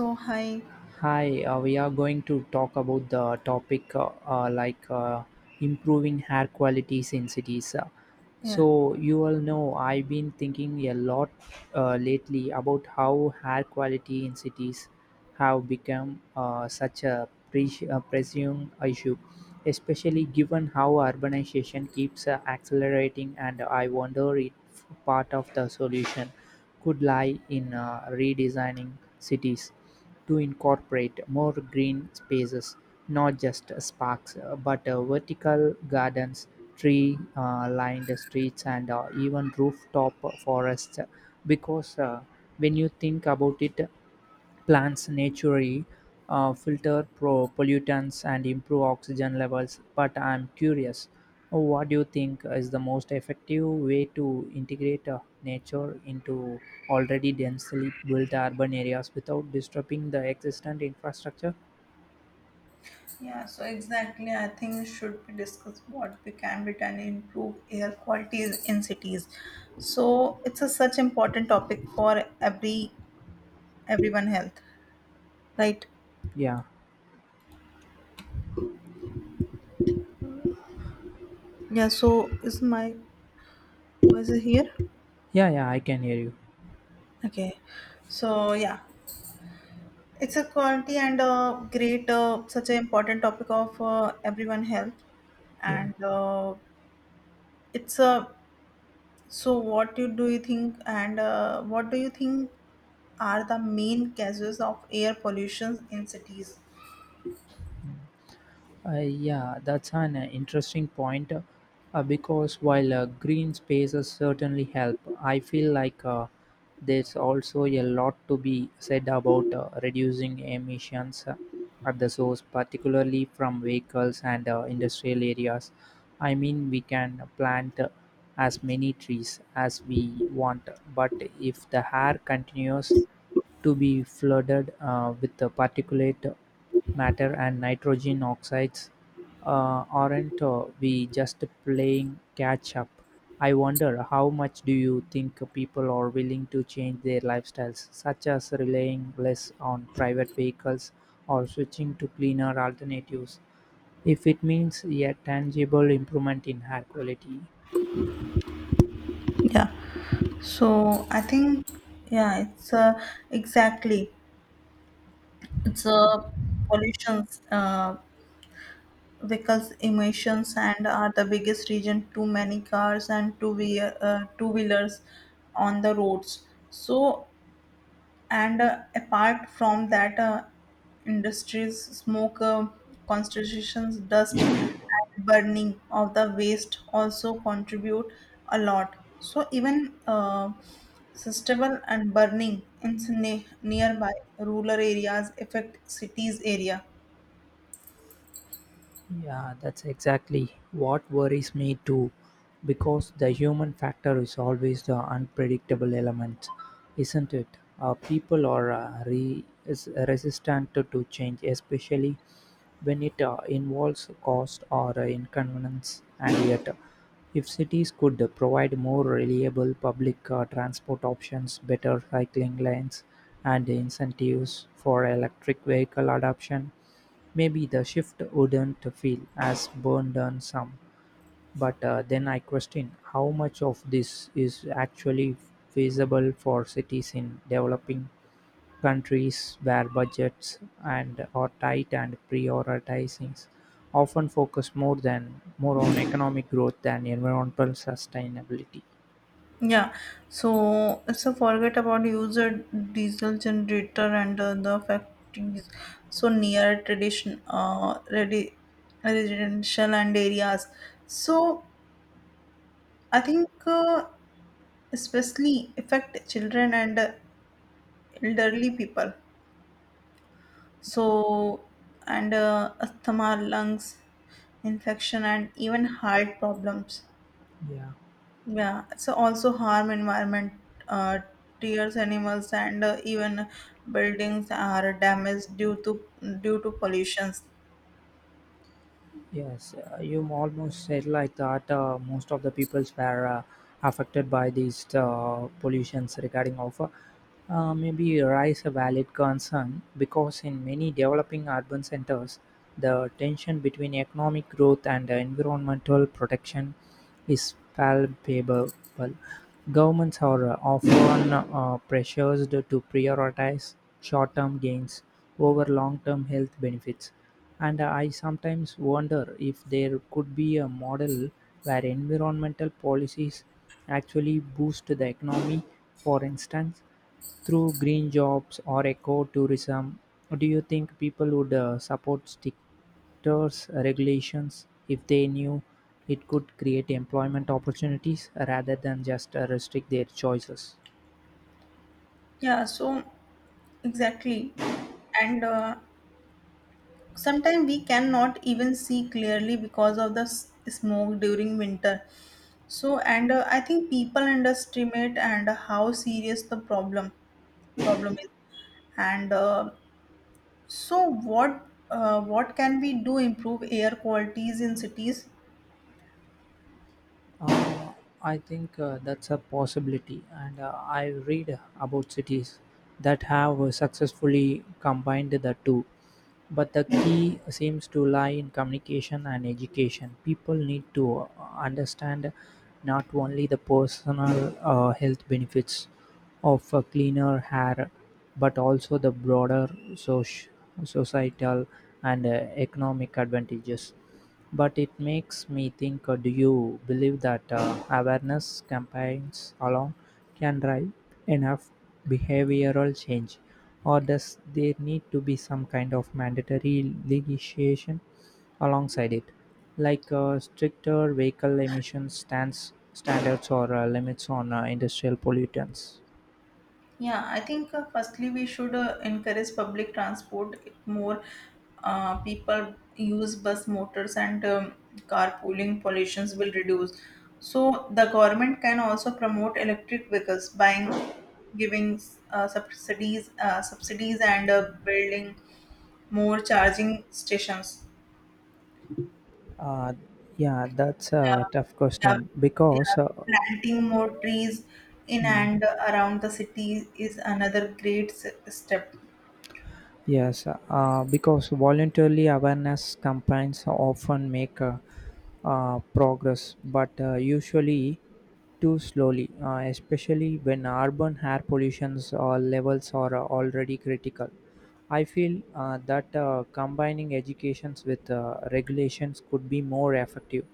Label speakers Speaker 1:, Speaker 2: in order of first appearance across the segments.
Speaker 1: So hi,
Speaker 2: Hi, we are going to talk about the topic improving hair qualities in cities.
Speaker 1: yeah.
Speaker 2: So, you all know I've been thinking a lot lately about how hair quality in cities have become such a pressing issue, especially given how urbanization keeps accelerating. And I wonder if part of the solution could lie in redesigning cities to incorporate more green spaces, not just parks but vertical gardens, tree-lined streets, and even rooftop forests. Because when you think about it, plants naturally filter pro pollutants and improve oxygen levels, but I'm curious, what do you think is the most effective way to integrate nature into already densely built urban areas without disrupting the existing infrastructure?
Speaker 1: Yeah, so exactly. I think we should be discuss what we can be done to improve air quality in cities. So it's a such important topic for everyone health, right?
Speaker 2: Yeah,
Speaker 1: Yeah. So is my voice here?
Speaker 2: yeah, yeah, I can hear you.
Speaker 1: Okay. So yeah, it's a quality and a great such an important topic of everyone health,
Speaker 2: Yeah.
Speaker 1: and it's a so what you do you think and what do you think are the main causes of air pollution in cities.
Speaker 2: Hmm. Yeah, that's an interesting point because while green spaces certainly help, I feel like there's also a lot to be said about reducing emissions at the source, particularly from vehicles and industrial areas. I mean, we can plant as many trees as we want, but if the air continues to be flooded with the particulate matter and nitrogen oxides, aren't we just playing catch up? I wonder how much do you think people are willing to change their lifestyles, such as relying less on private vehicles or switching to cleaner alternatives, if it means a tangible improvement in air quality?
Speaker 1: Yeah. So I think yeah, it's exactly it's pollutions vehicles emissions and are the biggest reason. Too many cars and two wheelers on the roads. So and apart from that industries smoke concentrations dust and burning of the waste also contribute a lot so even sustainable and burning in nearby rural areas affect cities area.
Speaker 2: Yeah, that's exactly what worries me too, because the human factor is always the unpredictable element, isn't it? People are is resistant to change, especially when it involves cost or inconvenience, and yet if cities could provide more reliable public transport options, better cycling lanes, and incentives for electric vehicle adoption, maybe the shift wouldn't feel as burdensome. But then I question how much of this is actually feasible for cities in developing countries where budgets and are tight and prioritizing often focus more on economic growth than environmental sustainability.
Speaker 1: Yeah, so forget about user diesel generator and the factories. So near tradition, residential and areas. So I think especially affect children and elderly people. So and asthma, lungs infection, and even heart problems.
Speaker 2: Yeah.
Speaker 1: Yeah, so also harm environment, uh, tears, animals, and even buildings are damaged due to pollutions.
Speaker 2: Yes, you almost said like that. Most of the peoples were affected by these pollutions regarding of maybe raise a valid concern because in many developing urban centers, the tension between economic growth and environmental protection is palpable. Governments are often pressured to prioritize short term gains over long term health benefits. And I sometimes wonder if there could be a model where environmental policies actually boost the economy, for instance through green jobs or eco-tourism, do you think people would support stricter regulations if they knew it could create employment opportunities rather than just restrict their choices?
Speaker 1: Yeah, so exactly, and sometimes we cannot even see clearly because of the smoke during winter. So, and I think people underestimate and how serious the problem is. And so, what can we do improve air qualities in cities?
Speaker 2: Uh, I think that's a possibility, and I read about cities that have successfully combined the two. But the key seems to lie in communication and education. People need to understand not only the personal health benefits of cleaner hair, but also the broader societal and economic advantages. But it makes me think, do you believe that awareness campaigns alone can drive enough behavioral change? Or does there need to be some kind of mandatory legislation alongside it? Like stricter vehicle standards or limits on industrial pollutants.
Speaker 1: Yeah, I think firstly we should encourage public transport If more. People use bus motors and carpooling pollutions will reduce. So the government can also promote electric vehicles by giving subsidies, subsidies and building more charging stations.
Speaker 2: Uh, yeah, that's
Speaker 1: Yeah,
Speaker 2: a tough
Speaker 1: yeah,
Speaker 2: question because
Speaker 1: yeah.
Speaker 2: uh,
Speaker 1: Planting more trees in
Speaker 2: hmm,
Speaker 1: and around the city is another great step.
Speaker 2: yes, because voluntarily awareness campaigns often make progress, but usually too slowly, especially when urban air pollution's levels are already critical. I feel that combining educations with regulations could be more effective.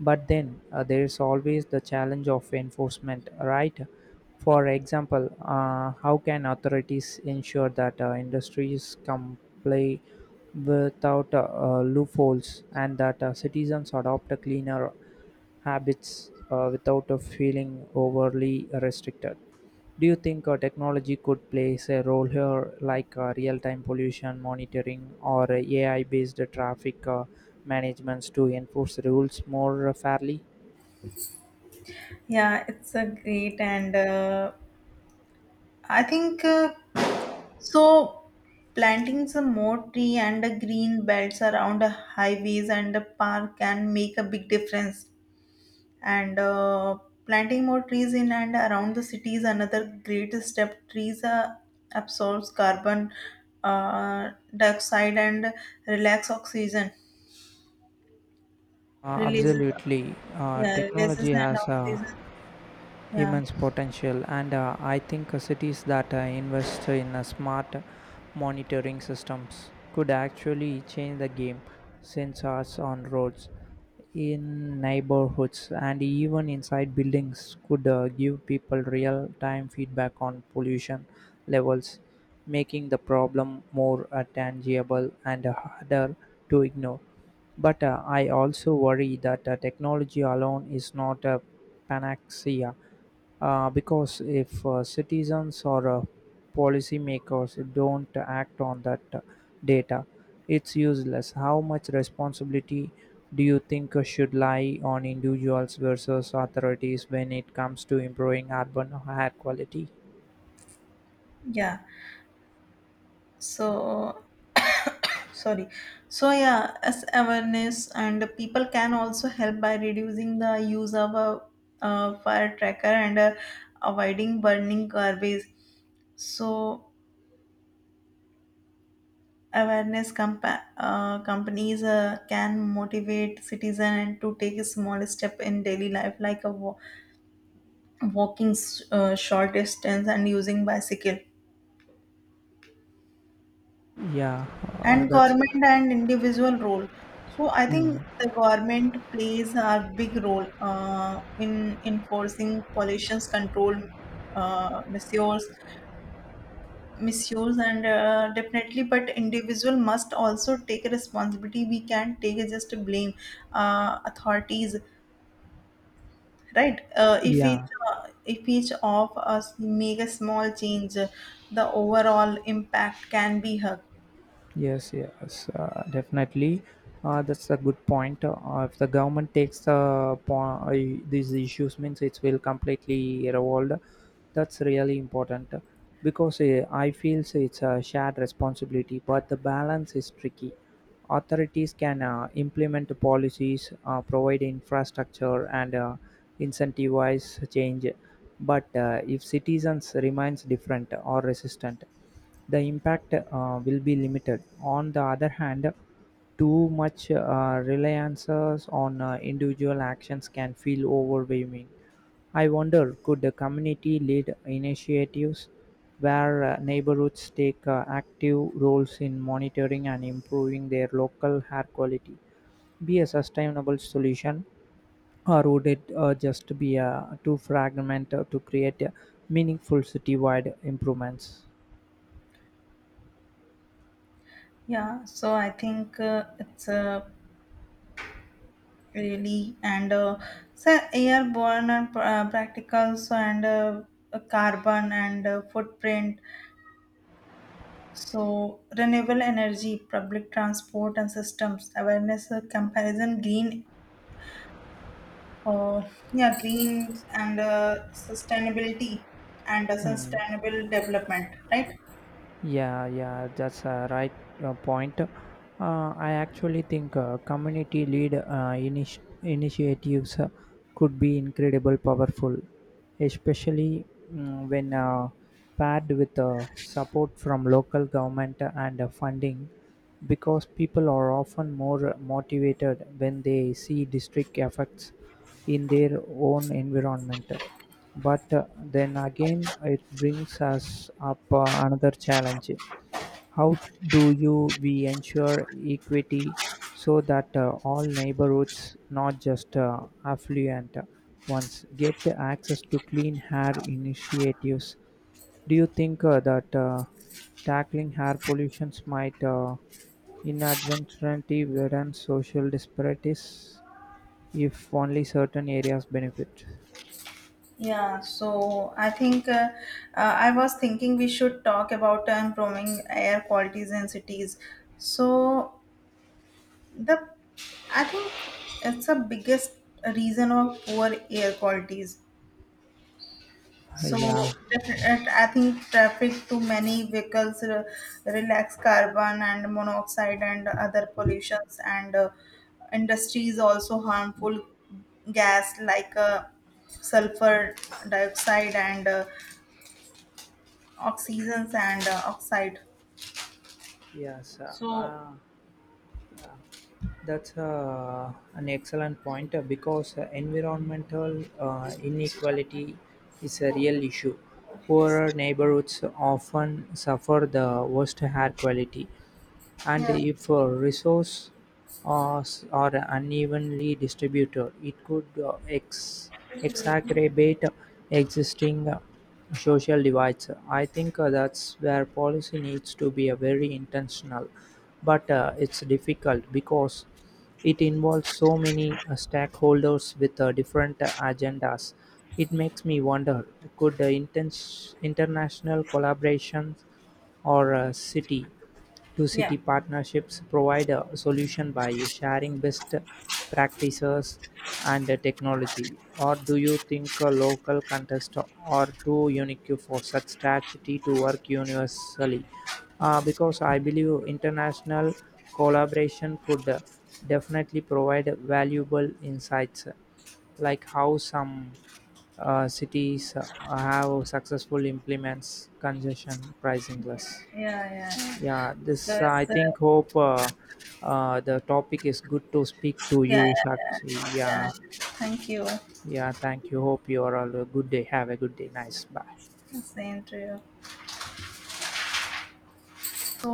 Speaker 2: But then there is always the challenge of enforcement, right? For example, how can authorities ensure that industries comply without loopholes and that citizens adopt a cleaner habits without feeling overly restricted? Do you think technology could play a role here, like real time pollution monitoring or AI based traffic managements to enforce rules more fairly?
Speaker 1: Yeah, it's a great and I think so planting some more tree and green belts around the highways and the park can make a big difference. And planting more trees in and around the city is another great step. Trees absorbs carbon uh, dioxide and relax oxygen, releases
Speaker 2: Absolutely.
Speaker 1: yeah, releases
Speaker 2: Technology
Speaker 1: and
Speaker 2: has
Speaker 1: oxygen. Yeah,
Speaker 2: immense potential and I think cities that invest in smart monitoring systems could actually change the game, sensors on roads, in neighborhoods, and even inside buildings could give people real time feedback on pollution levels, making the problem more tangible and harder to ignore. But I also worry that technology alone is not a panacea, because if citizens or policymakers don't act on that data, it's useless. How much responsibility do you think should lie on individuals versus authorities when it comes to improving urban air quality?
Speaker 1: yeah. So sorry so yeah as awareness and people can also help by reducing the use of a, fire tracker and avoiding burning garbage so companies can motivate citizens to take a small step in daily life like a walking short distance and using bicycle
Speaker 2: Yeah,
Speaker 1: and
Speaker 2: that's
Speaker 1: government and individual role so I
Speaker 2: hmm.
Speaker 1: think the government plays a big role in enforcing pollution control measures misuse and definitely but individual must also take responsibility. We can't take just blame authorities, right?
Speaker 2: yeah,
Speaker 1: If each of us make a small change the overall impact can be hug.
Speaker 2: yes, yes, definitely. That's a good point. If the government takes the these issues, means it will completely revolve. That's really important because I feel so it's a shared responsibility, but the balance is tricky. Authorities can implement policies, provide infrastructure, and incentivize change. But if citizens remains different or resistant, the impact will be limited. On the other hand, too much reliance on individual actions can feel overwhelming. I wonder, could the community lead initiatives where neighborhoods take active roles in monitoring and improving their local air quality be a sustainable solution, or would it just be too fragmented to create meaningful citywide improvements?
Speaker 1: Yeah, so I think it's a really and so airborne and practicals and carbon and footprint so renewable energy public transport and systems awareness comparison green uh, yeah green and sustainability and
Speaker 2: Hmm.
Speaker 1: sustainable development, right?
Speaker 2: Yeah, yeah, that's a right point. I actually think community lead initiatives could be incredible powerful, especially when paired with support from local government and funding, because people are often more motivated when they see district effects in their own environment. But then again, it brings us up another challenge. How do you we ensure equity so that all neighborhoods, not just affluent ones, get access to clean hair initiatives? Do you think that tackling hair pollution might inadvertently widen social disparities if only certain areas benefit?
Speaker 1: Yeah, so I think I was thinking we should talk about improving air qualities in cities. So the I think it's the biggest reason of poor air qualities so
Speaker 2: Yeah,
Speaker 1: I think traffic to many vehicles re- relax carbon and monoxide and other pollutions and industries also harmful gas like sulfur dioxide and oxygens and oxide
Speaker 2: yes,
Speaker 1: so
Speaker 2: that's an excellent point because environmental inequality is a real issue. Poorer neighborhoods often suffer the worst air quality, and
Speaker 1: yeah
Speaker 2: if resources are are unevenly distributed, it could exacerbate existing social divides. I think that's where policy needs to be very intentional, but it's difficult because it involves so many stakeholders with different agendas. It makes me wonder, could international collaborations or city
Speaker 1: yeah
Speaker 2: two-city partnerships provide a solution by sharing best practices and technology, or do you think a local contests are too unique for such strategy to work universally? Because I believe international collaboration could definitely provide valuable insights, like how some cities have successful implements congestion pricing less.
Speaker 1: yeah.
Speaker 2: Yeah,
Speaker 1: So
Speaker 2: this I
Speaker 1: it's
Speaker 2: think hope the topic is good to speak to
Speaker 1: yeah
Speaker 2: you, Shakshi.
Speaker 1: yeah yeah,
Speaker 2: Yeah,
Speaker 1: thank you.
Speaker 2: yeah. Thank you. Hope you are all a good day. Have a good day. Nice. Bye.
Speaker 1: Same to you. So